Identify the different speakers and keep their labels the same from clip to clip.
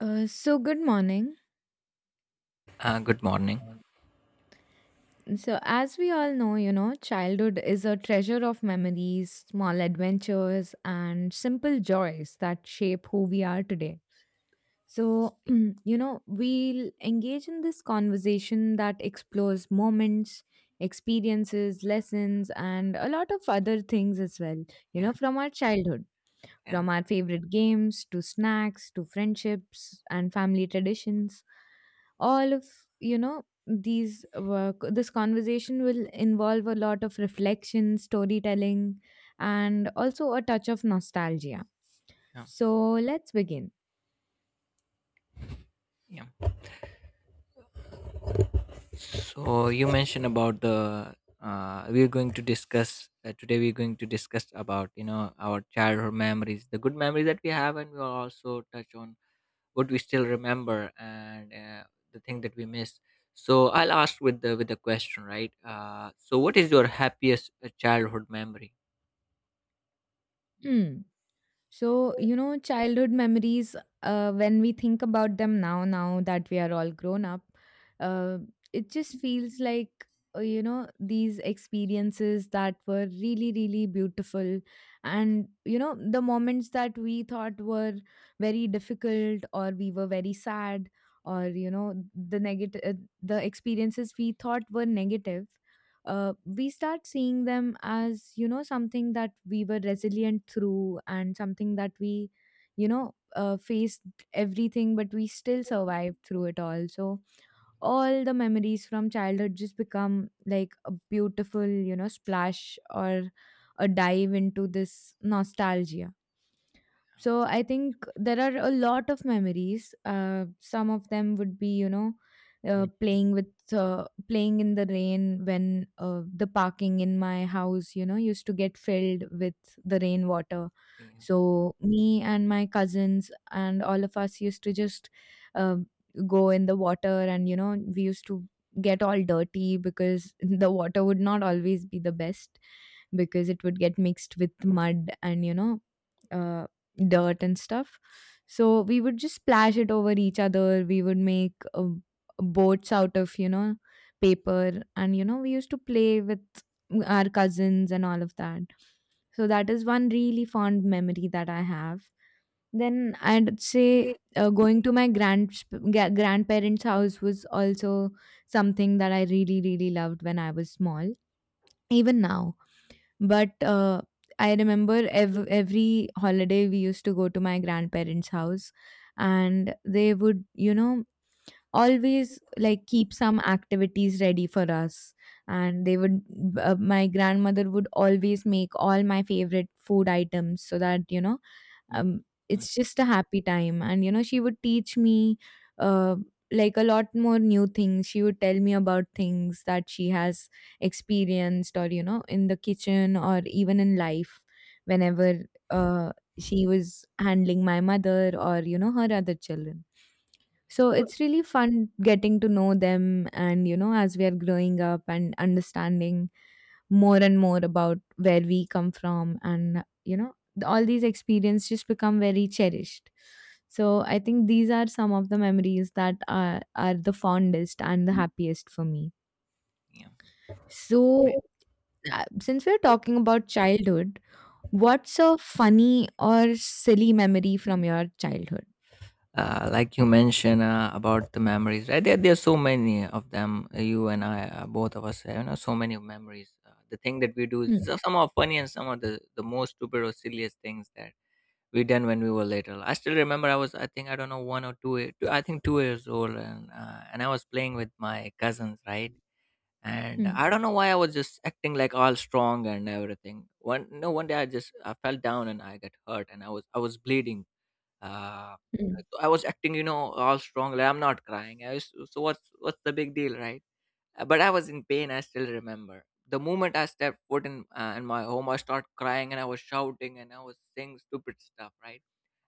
Speaker 1: So good morning.
Speaker 2: Good morning.
Speaker 1: So as we all know, childhood is a treasure of memories, small adventures and simple joys that shape who we are today. So, we'll engage in this conversation that explores moments, experiences, lessons and a lot of other things as well,
Speaker 2: Yeah,
Speaker 1: from our childhood.
Speaker 2: yeah,
Speaker 1: From our favorite games to snacks to friendships and family traditions, all of these work. This conversation will involve a lot of reflection, storytelling, and also a touch of nostalgia.
Speaker 2: yeah,
Speaker 1: So let's begin.
Speaker 2: yeah. So you mentioned about the we're going to discuss today. We're going to discuss about our childhood memories, the good memories that we have, and we'll also touch on what we still remember and the thing that we miss. So I'll ask with the question, right? So what is your happiest childhood memory?
Speaker 1: Hmm. So, childhood memories, when we think about them now, now that we are all grown up, uh, it just feels like, these experiences that were really, really beautiful. And, the moments that we thought were very difficult, or we were very sad, or, the negative, the experiences we thought were negative, we start seeing them as something that we were resilient through, and something that we faced everything, but we still survived through it all. So all the memories from childhood just become like a beautiful, splash or a dive into this nostalgia. So I think there are a lot of memories. Some of them would be, uh,
Speaker 2: Mm.
Speaker 1: playing with playing in the rain when the parking in my house, used to get filled with the rainwater.
Speaker 2: Yeah.
Speaker 1: So me and my cousins and all of us used to just uh, go in the water, and we used to get all dirty, because the water would not always be the best, because it would get mixed with mud and uh, dirt and stuff. So we would just splash it over each other. We would make boats out of, paper. And, we used to play with our cousins and all of that. So that is one really fond memory that I have. Then I'd say going to my grandparents' house was also something that I really, really loved when I was small. Even now. But I remember every holiday we used to go to my grandparents' house, and they would, always like keep some activities ready for us. And they would, my grandmother would always make all my favorite food items so that,
Speaker 2: Mm.
Speaker 1: um,
Speaker 2: Mm.
Speaker 1: it's just a happy time. And she would teach me uh, like a lot more new things. She would tell me about things that she has experienced, or in the kitchen or even in life, whenever uh, she was handling my mother or her other children. So it's really fun getting to know them, and as we are growing up and understanding more and more about where we come from, and all these experiences just become very cherished. So I think these are some of the memories that are the fondest and the happiest for me.
Speaker 2: Yeah.
Speaker 1: So since we're talking about childhood, what's a funny or silly memory from your childhood?
Speaker 2: Like you mentioned about the memories, right? There are so many of them. You and I, both of us have so many memories. The thing that we do is
Speaker 1: Hmm.
Speaker 2: some are funny and some are the most stupid or silliest things that we done when we were little. I still remember, I was, I think, I don't know, one or two, two, I think 2 years old, and I was playing with my cousins, right? And
Speaker 1: Hmm.
Speaker 2: I don't know why I was just acting like all strong and everything. One no One day I just I fell down and I got hurt and I was bleeding. uh,
Speaker 1: Hmm.
Speaker 2: So I was acting, all strong. Like, I'm not crying. I was, so what's the big deal, right? But I was in pain. I still remember the moment I stepped foot in my home. I started crying and I was shouting and I was saying stupid stuff, right?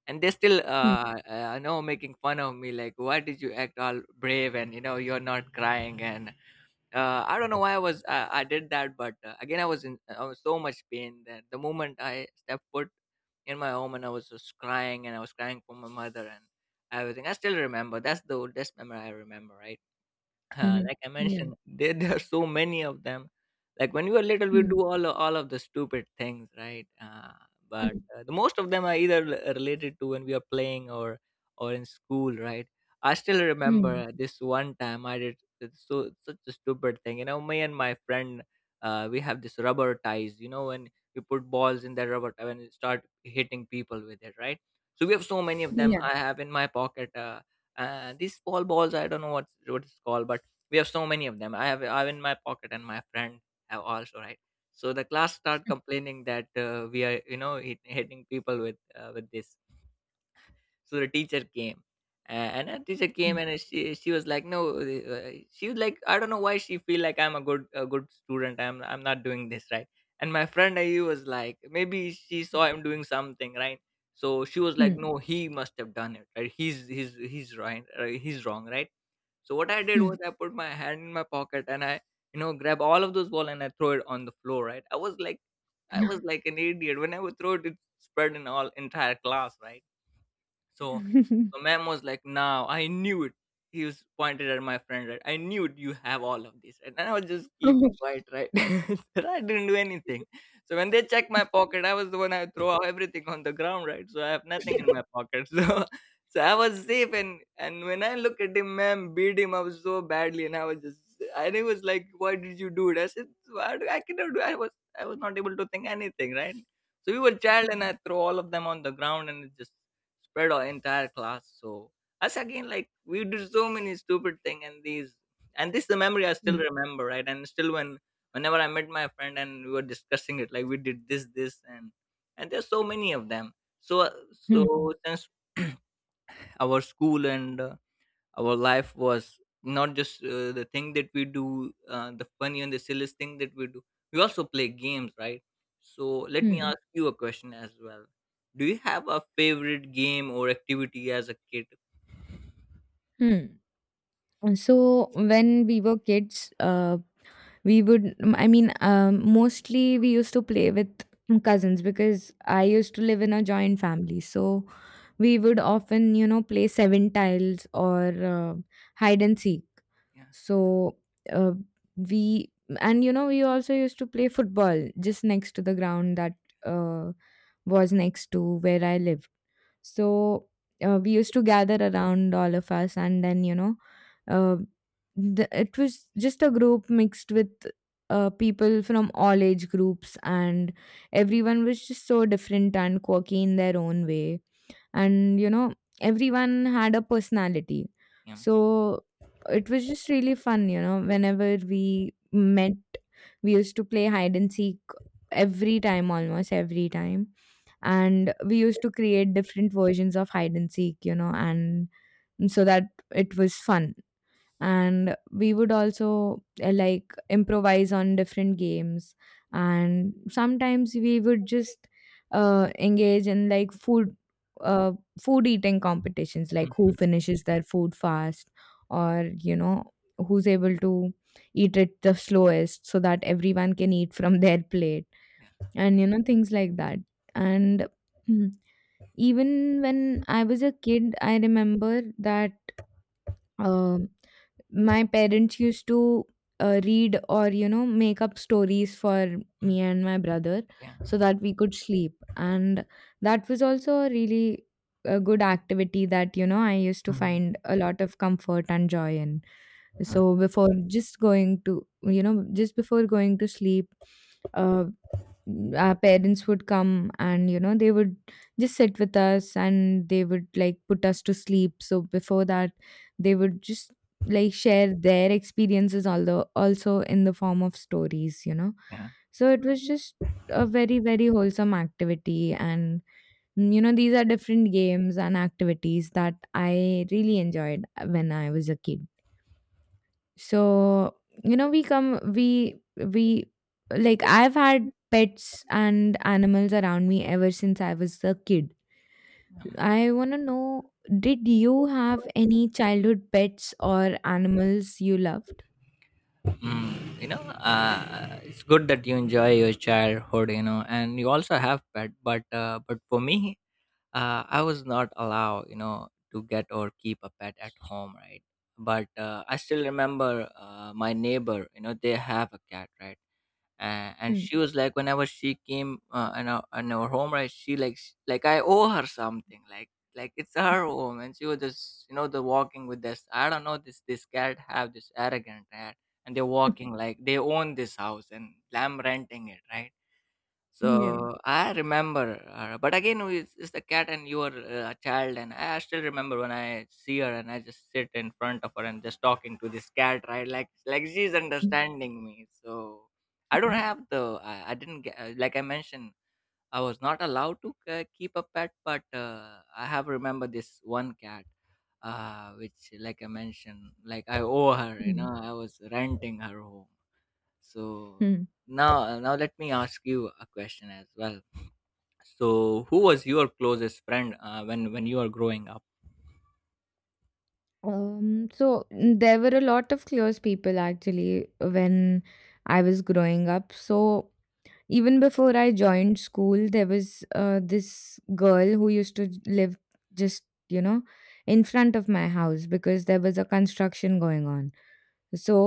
Speaker 2: And they still
Speaker 1: Hmm.
Speaker 2: making fun of me, like, why did you act all brave and you're not crying? And I don't know why I was, I did that. But again, I was in I was so much pain that the moment I stepped foot in my home, and I was just crying and I was crying for my mother and everything. I still remember. That's the oldest memory I remember, right? Uh,
Speaker 1: Hmm.
Speaker 2: like I
Speaker 1: Yeah.
Speaker 2: mentioned, there are so many of them. Like, when we were little, we
Speaker 1: Hmm.
Speaker 2: do all of the stupid things, right? But the most of them are either related to when we are playing or in school, right? I still remember,
Speaker 1: Mm.
Speaker 2: this one time I did so such a stupid thing. You know, me and my friend, we have this rubber ties. You know, when we put balls in that rubber tie and we start hitting people with it, right? So we have so many of them.
Speaker 1: Yeah.
Speaker 2: I have in my pocket. These small balls, I don't know what it's called, but we have so many of them. I have, in my pocket, and my friend have also, right? So the class start complaining that we are hitting people with with this. So the teacher came, and a teacher came,
Speaker 1: Mm.
Speaker 2: and she was like, no. She was like, I don't know why she feel like I'm a good student, I'm not doing this, right? And my friend, he was like, maybe she saw him doing something, right? So she was like,
Speaker 1: Mm.
Speaker 2: no, he must have done it, right? He's right. He's wrong, right? So what I did
Speaker 1: Mm.
Speaker 2: was, I put my hand in my pocket and I grab all of those ball and I throw it on the floor, right? I was like an idiot. When I would throw it, it spread in all entire class, right? So, so ma'am was like, "Now I knew it." He was pointed at my friend, right? I knew it, you have all of this, right? And I was just keep quiet, right? So I didn't do anything. So when they check my pocket, I was the one. I throw out everything on the ground, right? So I have nothing in my pocket. So I was safe, and when I look at him, ma'am beat him up so badly, and I was just, and he was like, "Why did you do it?" I said, "Why do I cannot do? I was, not able to think anything, right?" So we were child, and
Speaker 1: Hmm.
Speaker 2: I throw all of them on the ground, and it just spread our entire class. So us again, like, we did so many stupid thing, and these, and this is the memory I still
Speaker 1: Mm.
Speaker 2: remember, right? And still, whenever I met my friend and we were discussing it, like we did this, this, and there's so many of them. So uh,
Speaker 1: Hmm.
Speaker 2: so since our school, and our life was not just the thing that we do, the funny and the silliest thing that we do, we also play games, right? So let me
Speaker 1: Hmm.
Speaker 2: ask you a question as well. Do you have a favorite game or activity as a kid?
Speaker 1: Hmm. And so when we were kids, I mean, mostly we used to play with cousins, because I used to live in a joint family. So we would often play seven tiles or uh, hide and seek.
Speaker 2: Yeah,
Speaker 1: So uh, we and you know we also used to play football just next to the ground that uh, was next to where I lived. So we used to gather around, all of us, and then uh, it was just a group mixed with people from all age groups, and everyone was just so different and quirky in their own way. And everyone had a personality.
Speaker 2: yeah.
Speaker 1: So it was just really fun, whenever we met. We used to play hide and seek every time, almost every time. And we used to create different versions of hide and seek, and so that it was fun. And we would also like improvise on different games. And sometimes we would just engage in like uh, food eating competitions, like who
Speaker 2: Mhm.
Speaker 1: finishes their food fast, or who's able to eat it the slowest so that everyone can eat from their plate.
Speaker 2: Yeah.
Speaker 1: And things like that. And even when I was a kid, I remember that um my parents used to read or make up stories for
Speaker 2: Mm.
Speaker 1: me and my brother,
Speaker 2: Yeah.
Speaker 1: so that we could sleep. And that was also a really, a good activity that I used to
Speaker 2: Mm.
Speaker 1: find a lot of comfort and joy in.
Speaker 2: Mm.
Speaker 1: So before just going to you know just before going to sleep, uh, our parents would come, and they would just sit with us, and they would like put us to sleep. So before that, they would just like share their experiences, although also in the form of stories,
Speaker 2: Yeah.
Speaker 1: so it was just a very, very wholesome activity. And, these are different games and activities that I really enjoyed when I was a kid. So you know we come we like I've had pets and animals around me ever since I was a kid. I want to know, did you have any childhood pets or animals you loved?
Speaker 2: Mm. It's good that you enjoy your childhood, and you also have pet. But for me, I was not allowed, you know, to get or keep a pet at home, right? But I still remember, my neighbor, you know, they have a cat, right? And
Speaker 1: Hmm.
Speaker 2: she was like, whenever she came in our home, right? She like I owe her something, like it's her home. And she was just, the walking with this, I don't know, this cat have. This arrogant cat, and they're walking like they own this house and I'm renting it, right?
Speaker 1: Yeah.
Speaker 2: So I remember her. But again, it's the cat, and you are a child. And I still remember, when I see her, and I just sit in front of her and just talking to this cat, right? Like she's
Speaker 1: Hmm.
Speaker 2: understanding me. So I don't have the, I didn't get, like I mentioned, I was not allowed to keep a pet. But I have remember this one cat, which, like I mentioned, like I owe her, you know, I was renting her home. So
Speaker 1: Hmm.
Speaker 2: now let me ask you a question as well. So who was your closest friend, when you were growing up?
Speaker 1: There were a lot of close people actually when I was growing up. So, even before I joined school, there was this girl who used to live just, you know, in front of my house, because there was a construction going on. So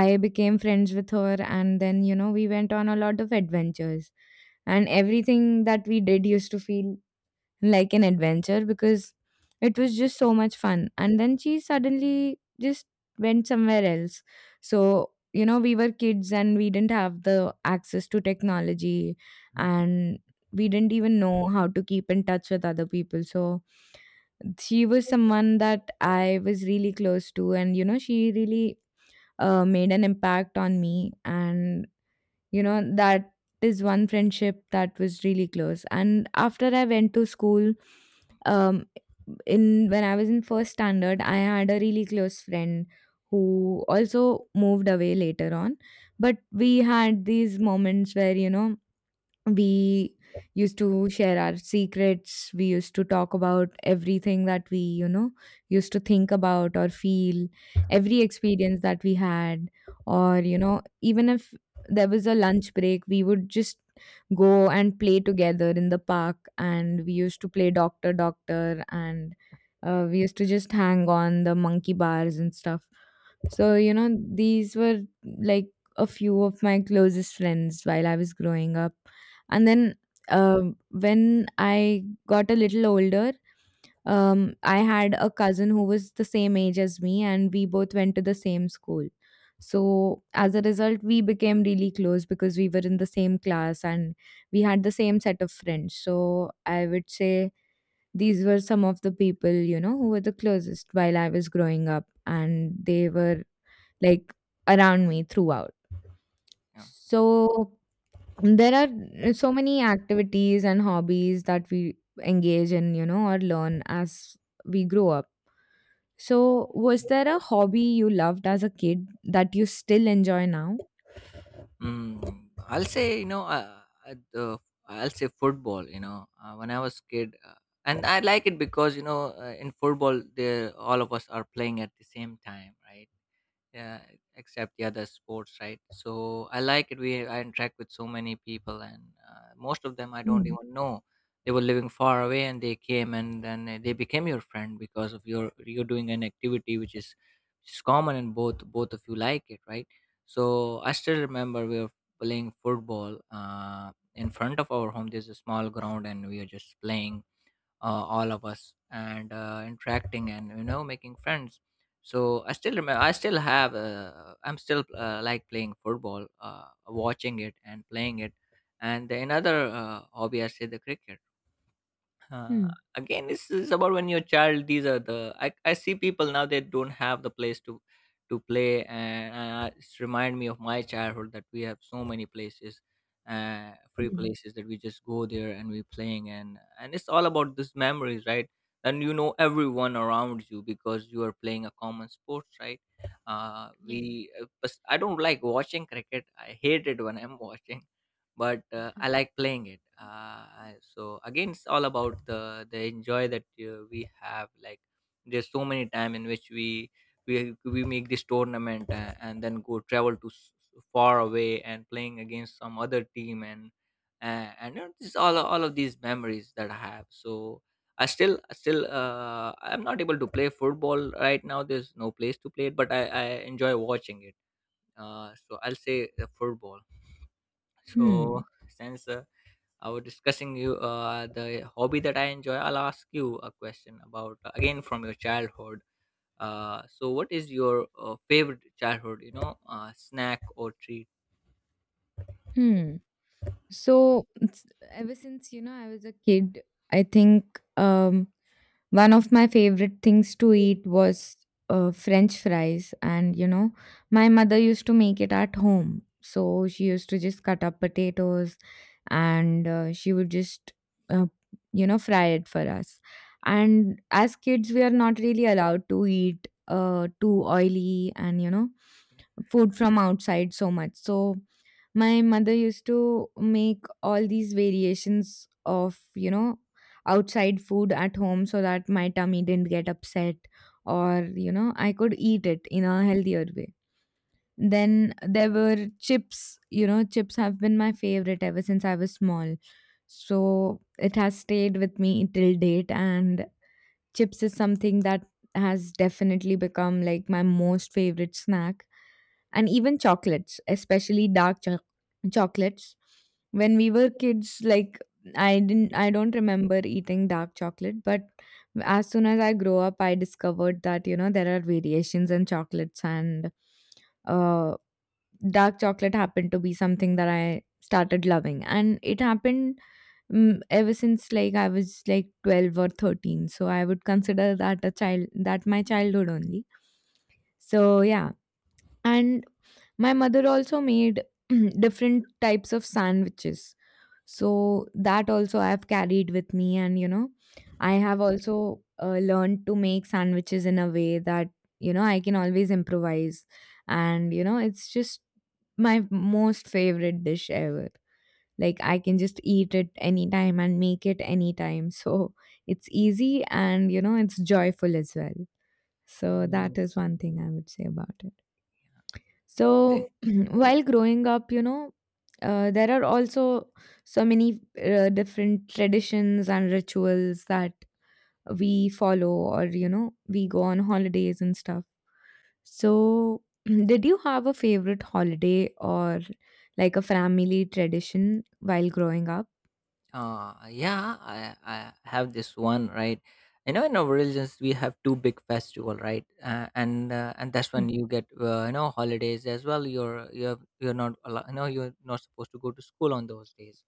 Speaker 1: I became friends with her, and then, we went on a lot of adventures. And everything that we did used to feel like an adventure, because it was just so much fun. And then she suddenly just went somewhere else. So, we were kids and we didn't have the access to technology,
Speaker 2: Mhm.
Speaker 1: and we didn't even know how to keep in touch with other people. So she was someone that I was really close to, and she really made an impact on me. And that is one friendship that was really close. And after I went to school, um, in when I was in first standard, I had a really close friend who also moved away later on. But we had these moments where, we used to share our secrets. We used to talk about everything that we used to think about or feel, every experience that we had. Or even if there was a lunch break, we would just go and play together in the park, and we used to play doctor doctor, and we used to just hang on the monkey bars and stuff. So these were like a few of my closest friends while I was growing up. And then, when I got a little older, I had a cousin who was the same age as me, and we both went to the same school. So, as a result, we became really close, because we were in the same class and we had the same set of friends. So, I would say these were some of the people, who were the closest while I was growing up, and they were like around me throughout.
Speaker 2: Yeah.
Speaker 1: So, there are so many activities and hobbies that we engage in, or learn as we grow up. So, was there a hobby you loved as a kid that you still enjoy now?
Speaker 2: Mm, I'll say, uh, the, I'll say football, when I was kid. And I like it because, in football, they, all of us are playing at the same time, right? Yeah, except, yeah, the sports, right? So I like it. We i interact with so many people, and most of them I don't
Speaker 1: Hmm.
Speaker 2: even know. They were living far away and they came, and then they became your friend because of your you're doing an activity which is common, and both of you like it, right? So I still remember, we were playing football, in front of our home, there's a small ground, and we are just playing, all of us, and interacting, and making friends. So I still remember, I still have, I'm still, like, playing football, watching it and playing it. And the another hobby I say, the cricket. uh,
Speaker 1: Hmm.
Speaker 2: Again, this is about when you're a child. These are the, I see people now they don't have the place to play, and it's remind me of my childhood, that we have so many places, free
Speaker 1: Hmm.
Speaker 2: places, that we just go there and we playing. And it's all about these memories, right? And you know everyone around you, because you are playing a common sports, right? Uh,
Speaker 1: Yeah.
Speaker 2: we, uh, but I don't like watching cricket. I hate it when I'm watching. But I like playing it. So again, it's all about the enjoy that we have. Like, there's so many time in which we make this tournament, and then go travel to far away and playing against some other team, and this all of these memories that I have. So. I still, I'm not able to play football right now. There's no place to play it, but I enjoy watching it. So I'll say, football. So
Speaker 1: Hmm.
Speaker 2: since I was discussing you, the hobby that I enjoy, I'll ask you a question about, again, from your childhood. So, what is your favorite childhood, snack or treat?
Speaker 1: Hmm. So ever since, I was a kid, I think one of my favorite things to eat was French fries. And my mother used to make it at home. So she used to just cut up potatoes, and she would just, uh, you know, fry it for us. And as kids, we are not really allowed to eat too oily, and food from outside so much. So my mother used to make all these variations of, outside food at home, so that my tummy didn't get upset, or, I could eat it in a healthier way. Then there were chips. Chips have been my favorite ever since I was small. So it has stayed with me till date, and chips is something that has definitely become like my most favorite snack. And even chocolates, especially chocolates. When we were kids, like, I don't remember eating dark chocolate. But as soon as I grow up, I discovered that, you know, there are variations in chocolates. And uh dark chocolate happened to be something that I started loving, and it happened, ever since, like, I was like 12 or 13. So I would consider that a child, that my childhood only. So yeah, and my mother also made different types of sandwiches. So that also I have carried with me, and, you know, I have also learned to make sandwiches in a way that, you know, I can always improvise. And, you know, it's just my most favorite dish ever. Like, I can just eat it anytime and make it anytime. So it's easy, and, you know, it's joyful as well. So
Speaker 2: Mm.
Speaker 1: that is one thing I would say about it.
Speaker 2: Yeah.
Speaker 1: So while growing up, you know, there are also so many different traditions and rituals that we follow, or, you know, we go on holidays and stuff. So, did you have a favorite holiday or like a family tradition while growing up?
Speaker 2: Yeah, I have this one, right? You know, in our religions, we have two big festival, right? And that's
Speaker 1: Mm,
Speaker 2: when you get holidays as well. You're not you're not supposed to go to school on those days.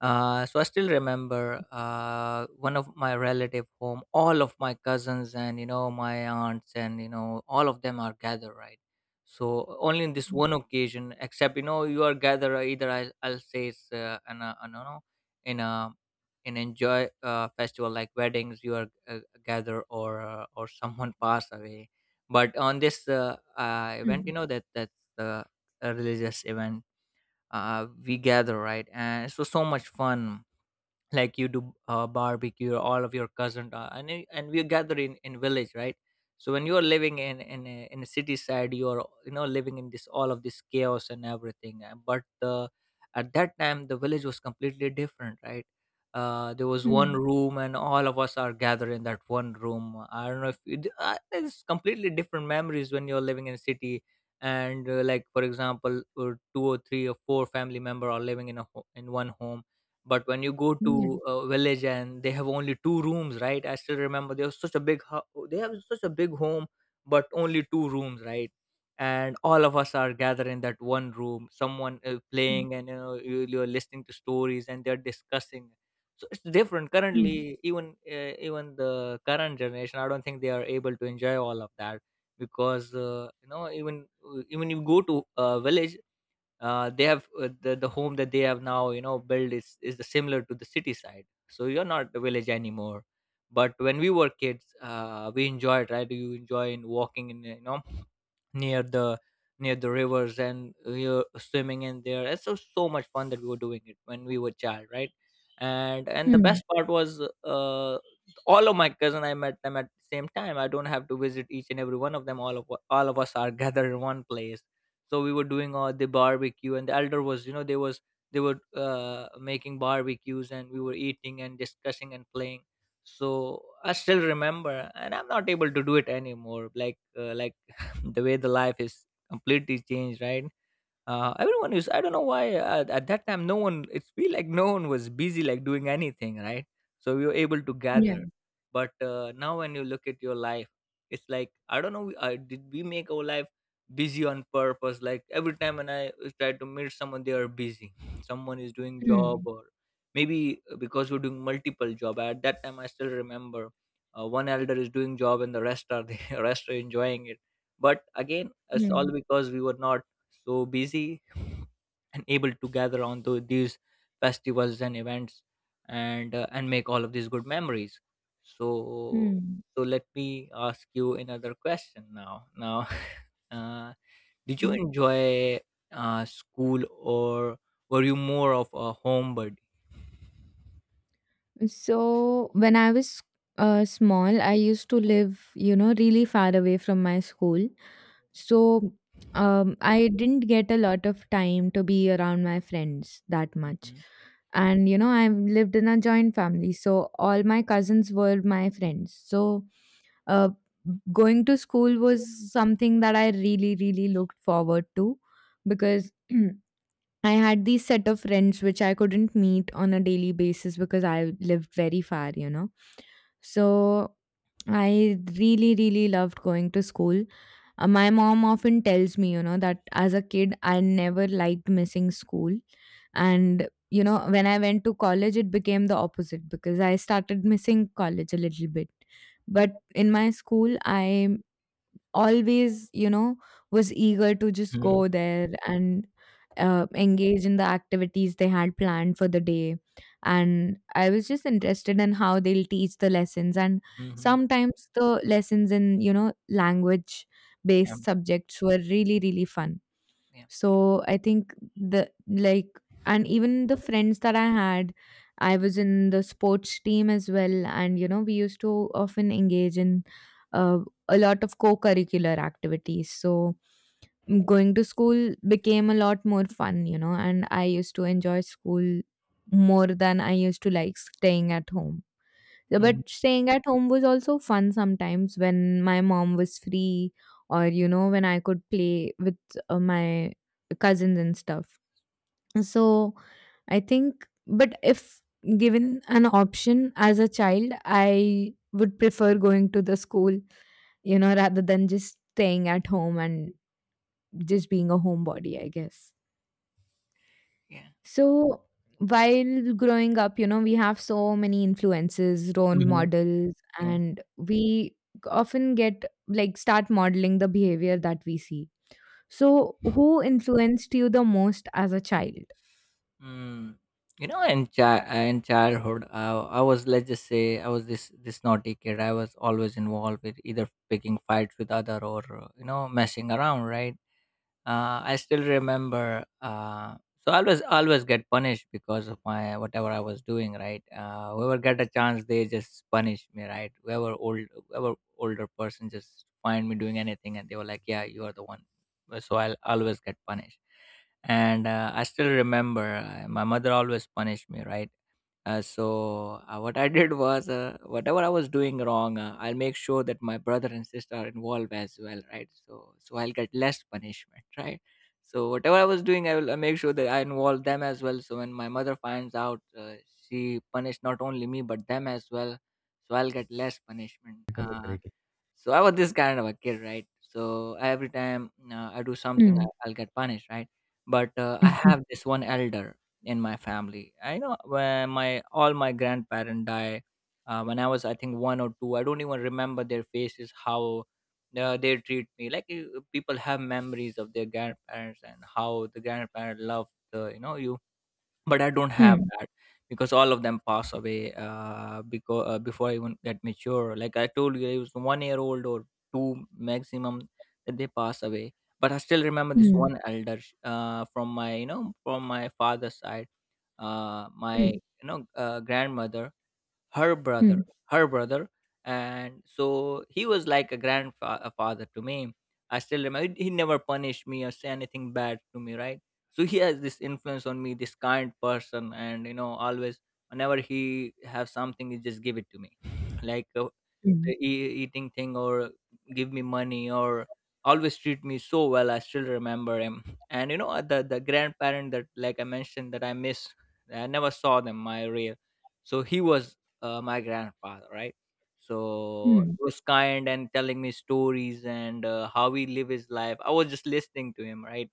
Speaker 2: So I still remember one of my relative home. All of my cousins and my aunts and all of them are gathered, right? So only in this one occasion, except you know you are gathered either I'll say it's an no no in a in enjoy festival like weddings you are gathered or someone pass away. But on this event, you
Speaker 1: mm,
Speaker 2: know that's the a religious event, we gather, right? And it was so much fun. Like you do barbecue, all of your cousins, and we gather in village, right? So when you are living in a city side, you are you know living in this all of this chaos and everything, but the at that time the village was completely different, right? There was one
Speaker 1: mm,
Speaker 2: room and all of us are gathered in that one room. I don't know if you, d- it's completely different memories when you're living in a city. And like for example two or three or four family member are living in one home. But when you go to
Speaker 1: yeah.
Speaker 2: a village, and they have only two rooms, right? I still remember they have such a they have such a big home, but only two rooms, right? And all of us are gathered in that one room. Someone is
Speaker 1: Mm,
Speaker 2: playing, and you know you're listening to stories, and they're discussing. So it's different.
Speaker 1: mm,
Speaker 2: Currently, even the current generation, I don't think they are able to enjoy all of that because even you go to a village, they have the home that they have now you know built is the similar to the city side, so you're not a village anymore. But when we were kids, we enjoyed, right? You enjoy in walking in you know near the near the rivers, and we were swimming in there. It's so much fun that we were doing it when we were child, right? And the
Speaker 1: mm,
Speaker 2: best part was all of my cousin, I met them at the same time. I don't have to visit each and every one of them. All of us are gathered in one place. So we were doing all the barbecue, and the elder was you know they were making barbecues, and we were eating and discussing and playing. So I still remember, and I'm not able to do it anymore, like the way the life is completely changed, right? Everyone is. I don't know why at that time no one. It feel like no one was busy like doing anything, right? So we were able to
Speaker 1: yeah.
Speaker 2: gather. But now when you look at your life, it's like I don't know. Did we make our life busy on purpose? Like every time when I try to meet someone, they are busy. Someone is doing job
Speaker 1: Mm,
Speaker 2: or maybe because we're doing multiple job. At that time, I still remember one elder is doing job, and the rest are the rest are enjoying it. But again, it's all
Speaker 1: mm,
Speaker 2: because we were not so busy and able to gather on to these festivals and events, and make all of these good memories. So
Speaker 1: mm,
Speaker 2: so let me ask you another question. Now uh, did you
Speaker 1: mm.
Speaker 2: enjoy school, or were you more of a homebody?
Speaker 1: So when I was small, I used to live, you know, really far away from my school. So I didn't get a lot of time to be around my friends that much.
Speaker 2: Mm-hmm.
Speaker 1: And, you know, I lived in a joint family. So all my cousins were my friends. So uh, going to school was something that I really, really looked forward to, because I had these set of friends which I couldn't meet on a daily basis because I lived very far, you know. So I really, really loved going to school. My mom often tells me, you know, that as a kid, I never liked missing school. And, you know, when I went to college, it became the opposite because I started missing college a little bit. But in my school, I always, you know, was eager to just go there and engage in the activities they had planned for the day. And I was just interested in how they'll teach the lessons. And
Speaker 2: Mm-hmm.
Speaker 1: sometimes the lessons in, you know, language
Speaker 2: Yeah.
Speaker 1: based subjects were really, really fun.
Speaker 2: Yeah.
Speaker 1: So I think, the like and even the friends that I had, I was in the sports team as well, and, you know, we used to often engage in uh, a lot of co-curricular activities. So going to school became a lot more fun, you know, and I used to enjoy school more than I used to like staying at home. Yeah,
Speaker 2: Mhm.
Speaker 1: but staying at home was also fun sometimes when my mom was free, or, you know, when I could play with my cousins and stuff. So I think, but if given an option as a child, I would prefer going to the school, you know, rather than just staying at home and just being a homebody, I guess.
Speaker 2: Yeah.
Speaker 1: So while growing up, you know, we have so many influences, role
Speaker 2: Mhm.
Speaker 1: models, and we often get like start modeling the behavior that we see. So who influenced you the most as a child?
Speaker 2: Mm. You know, in childhood, I was, let's just say, I was this naughty kid. I was always involved with either picking fights with other or you know messing around, right? I still remember. So I always get punished because of my whatever I was doing. Right, whoever get a chance, they just punish me. Right, whoever older person just find me doing anything, and they were like, "Yeah, you are the one." So I'll always get punished. And I still remember my mother always punished me, right. So what I did was, whatever I was doing wrong, I'll make sure that my brother and sister are involved as well, right? So I'll get less punishment, right? So whatever I was doing, I will make sure that I involve them as well. So when my mother finds out, she punished not only me but them as well. So I'll get less punishment. So I was this kind of a kid, right? So every time I do something,
Speaker 1: Mm,
Speaker 2: I'll get punished, right? But I
Speaker 1: mm,
Speaker 2: have this one elder in my family. I know when my all my grandparents die, when I was I think one or two, I don't even remember their faces how they treat me. Like people have memories of their grandparents and how the grandparents love the you know you, but I don't have
Speaker 1: mm,
Speaker 2: that because all of them pass away because before I even get mature. Like I told you, I was 1 year old or two maximum that they pass away. But I still remember this
Speaker 1: mm,
Speaker 2: one elder from my from my father's side. My you know grandmother, her brother
Speaker 1: mm,
Speaker 2: her brother, and so he was like a grandfather to me. I still remember he never punished me or say anything bad to me, right? So he has this influence on me, this kind person, and you know always whenever he have something he just give it to me, like
Speaker 1: mm,
Speaker 2: eating thing or give me money or always treat me so well. I still remember him. And you know the grandparent that like I mentioned that I miss, I never saw them, my real. So he was my grandfather, right? So
Speaker 1: mm,
Speaker 2: he was kind and telling me stories and how he live his life. I was just listening to him, right?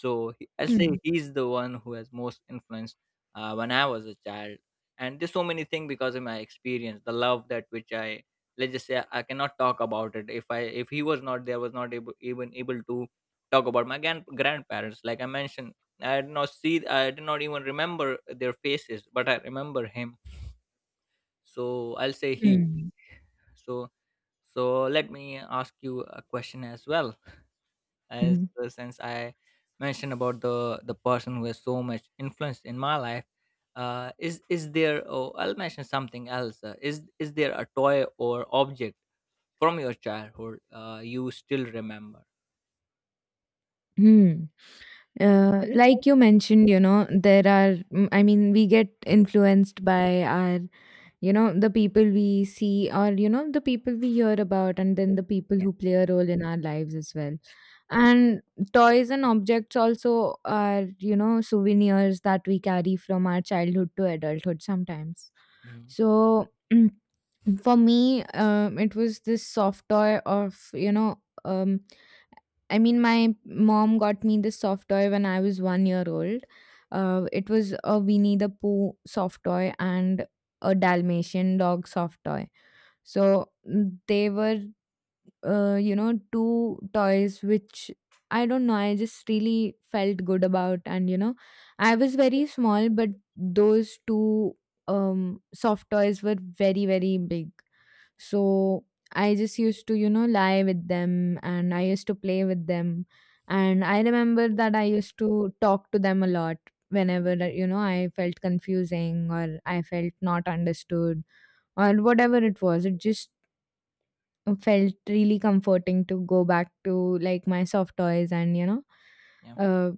Speaker 2: So I'll
Speaker 1: mm,
Speaker 2: say
Speaker 1: mm,
Speaker 2: he's the one who has most influence when I was a child. And there's so many things because of my experience, the love that which I, let's just say, I cannot talk about it. If he was not there, was not able even able to talk about my grandparents. Like I mentioned, I did not see, I did not even remember their faces, but I remember him. So I'll say he.
Speaker 1: mm,
Speaker 2: So so let me ask you a question as well as
Speaker 1: mm.
Speaker 2: since I mentioned about the person who has so much influence in my life, is there? Oh, I'll mention something else. Is there a toy or object from your childhood you still remember?
Speaker 1: Hmm. Like you mentioned, you know, there are, I mean, we get influenced by our, you know, the people we see, or, you know, the people we hear about, and then the people
Speaker 2: Yeah,
Speaker 1: who play a role in our lives as
Speaker 2: yeah,
Speaker 1: well. And toys and objects also are, you know, souvenirs that we carry from our childhood to adulthood sometimes.
Speaker 2: mm-hmm,
Speaker 1: So for me, it was this soft toy of, I mean, my mom got me this soft toy when I was one year old. It was a Winnie the Pooh soft toy and a Dalmatian dog soft toy. So, they were you know, two toys which, I don't know, I just really felt good about. And, you know, I was very small, but those two soft toys were very, very big. So I just used to, you know, lie with them, and I used to play with them. And I remember that I used to talk to them a lot whenever, that, you know, I felt confusing, or I felt not understood, or whatever it was. It just felt really comforting to go back to, like, my soft toys, and, you know,
Speaker 2: yeah,
Speaker 1: uh,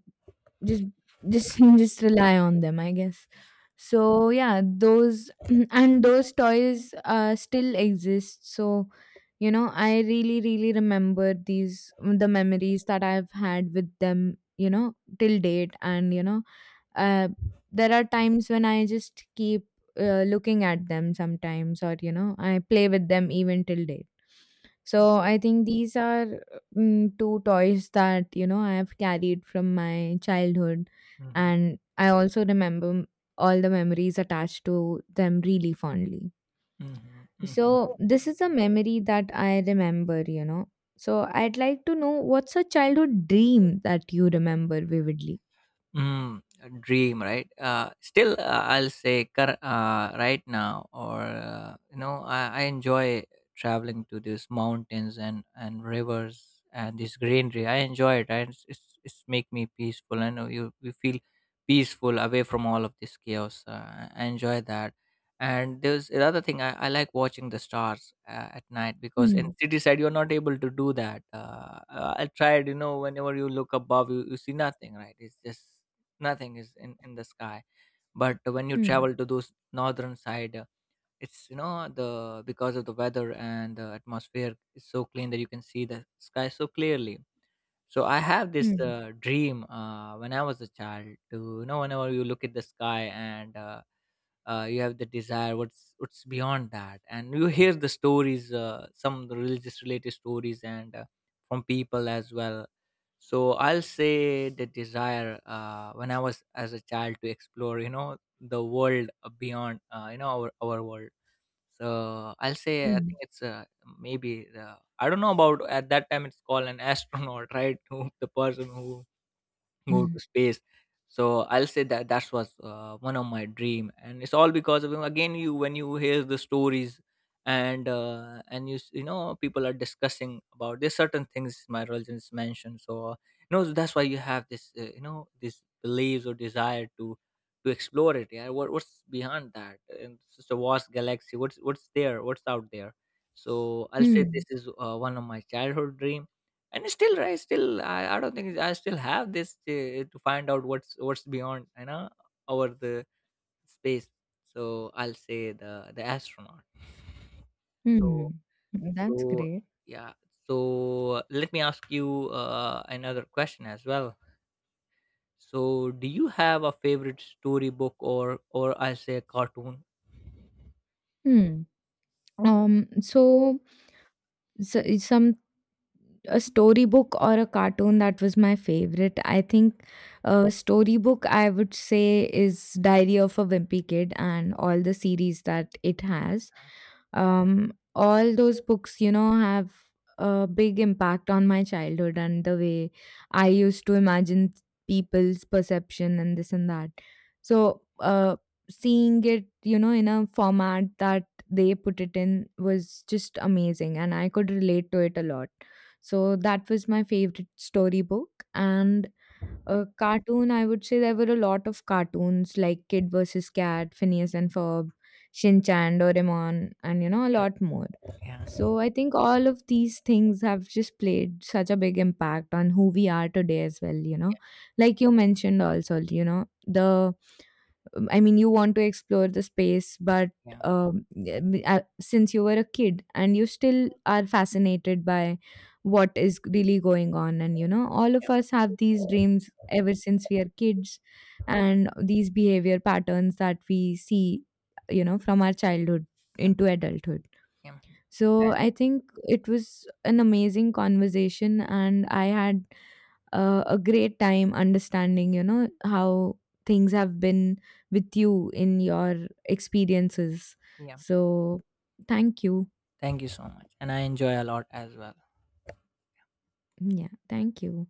Speaker 1: just just just rely on them, I guess.
Speaker 2: yeah.
Speaker 1: So yeah, those and those toys still exist. So, you know, I really, really remember these, the memories that I've had with them, you know, till date. And, you know, uh, there are times when I just keep looking at them sometimes, or, you know, I play with them even till date. So I think these are, two toys that, you know, I have carried from my childhood,
Speaker 2: Mm-hmm,
Speaker 1: and I also remember all the memories attached to them really fondly.
Speaker 2: mm-hmm.
Speaker 1: So this is a memory that I remember, you know. So I'd like to know, what's a childhood dream that you remember vividly?
Speaker 2: Mm, a dream, right? I'll say right now, or you know, I enjoy traveling to these mountains and rivers and this greenery. I enjoy it. Right? It's make me peaceful. I know you feel peaceful away from all of this chaos. I enjoy that. And there's another thing, I like watching the stars at night because in
Speaker 1: Hmm.
Speaker 2: city side you're not able to do that. I tried, you know, whenever you look above, you see nothing, right? It's just nothing is in the sky. But when you
Speaker 1: Hmm.
Speaker 2: travel to those northern side, it's you know the because of the weather and the atmosphere is so clean that you can see the sky so clearly. So I have this
Speaker 1: Hmm.
Speaker 2: dream when I was a child to you know whenever you look at the sky, and you have the desire what's beyond that, and you hear the stories, some religious related stories, and from people as well. So I'll say the desire when I was as a child to explore you know the world beyond you know our world. So I'll say I
Speaker 1: Hmm.
Speaker 2: think it's maybe I don't know about, at that time it's called an astronaut right, who the person who Go
Speaker 1: Hmm.
Speaker 2: to space. So I'll say that that was one of my dream, and it's all because of him. Again, you when you hear the stories, and you s- you know people are discussing about there's certain things my religion is mentioned. So you know that's why you have this you know these beliefs or desire to explore it. Yeah, what what's behind that? And it's just a vast galaxy. What's there? What's out there? So I'll say
Speaker 1: Hmm.
Speaker 2: this is one of my childhood dream, and still right still I don't think I still have this to find out what's beyond you know over the space. So I'll say the astronaut. So
Speaker 1: Hmm. That's
Speaker 2: so
Speaker 1: great.
Speaker 2: yeah so let me ask you another question as well. So do you have a favorite storybook, or I say cartoon?
Speaker 1: Hmm.
Speaker 2: Mm.
Speaker 1: So, so some a storybook or a cartoon that was my favorite. I think a storybook I would say is Diary of a Wimpy Kid and all the series that it has. All those books, you know, have a big impact on my childhood and the way I used to imagine people's perception and this and that. So, seeing it, you know, in a format that they put it in was just amazing, and I could relate to it a lot. So that was my favorite storybook. And a cartoon, I would say there were a lot of cartoons like Kid vs. Cat, Phineas and Ferb, Shin Chan, Doraemon, and, you know, a
Speaker 2: Yeah,
Speaker 1: lot more.
Speaker 2: yeah,
Speaker 1: So I think all of these things have just played such a big impact on who we are today as well, you know. Like you mentioned also, you know, the I mean, you want to explore the space, but
Speaker 2: yeah,
Speaker 1: um, since you were a kid and you still are fascinated by what is really going on, and, you know, all of us have these dreams ever since we are kids, and these behavior patterns that we see, you know, from our childhood
Speaker 2: yeah,
Speaker 1: into adulthood.
Speaker 2: yeah,
Speaker 1: So I think it was an amazing conversation, and I had a great time understanding, you know, how things have been with you in your experiences.
Speaker 2: yeah.
Speaker 1: So thank you.
Speaker 2: Thank you so much, and I enjoy a lot as well.
Speaker 1: Yeah, thank you.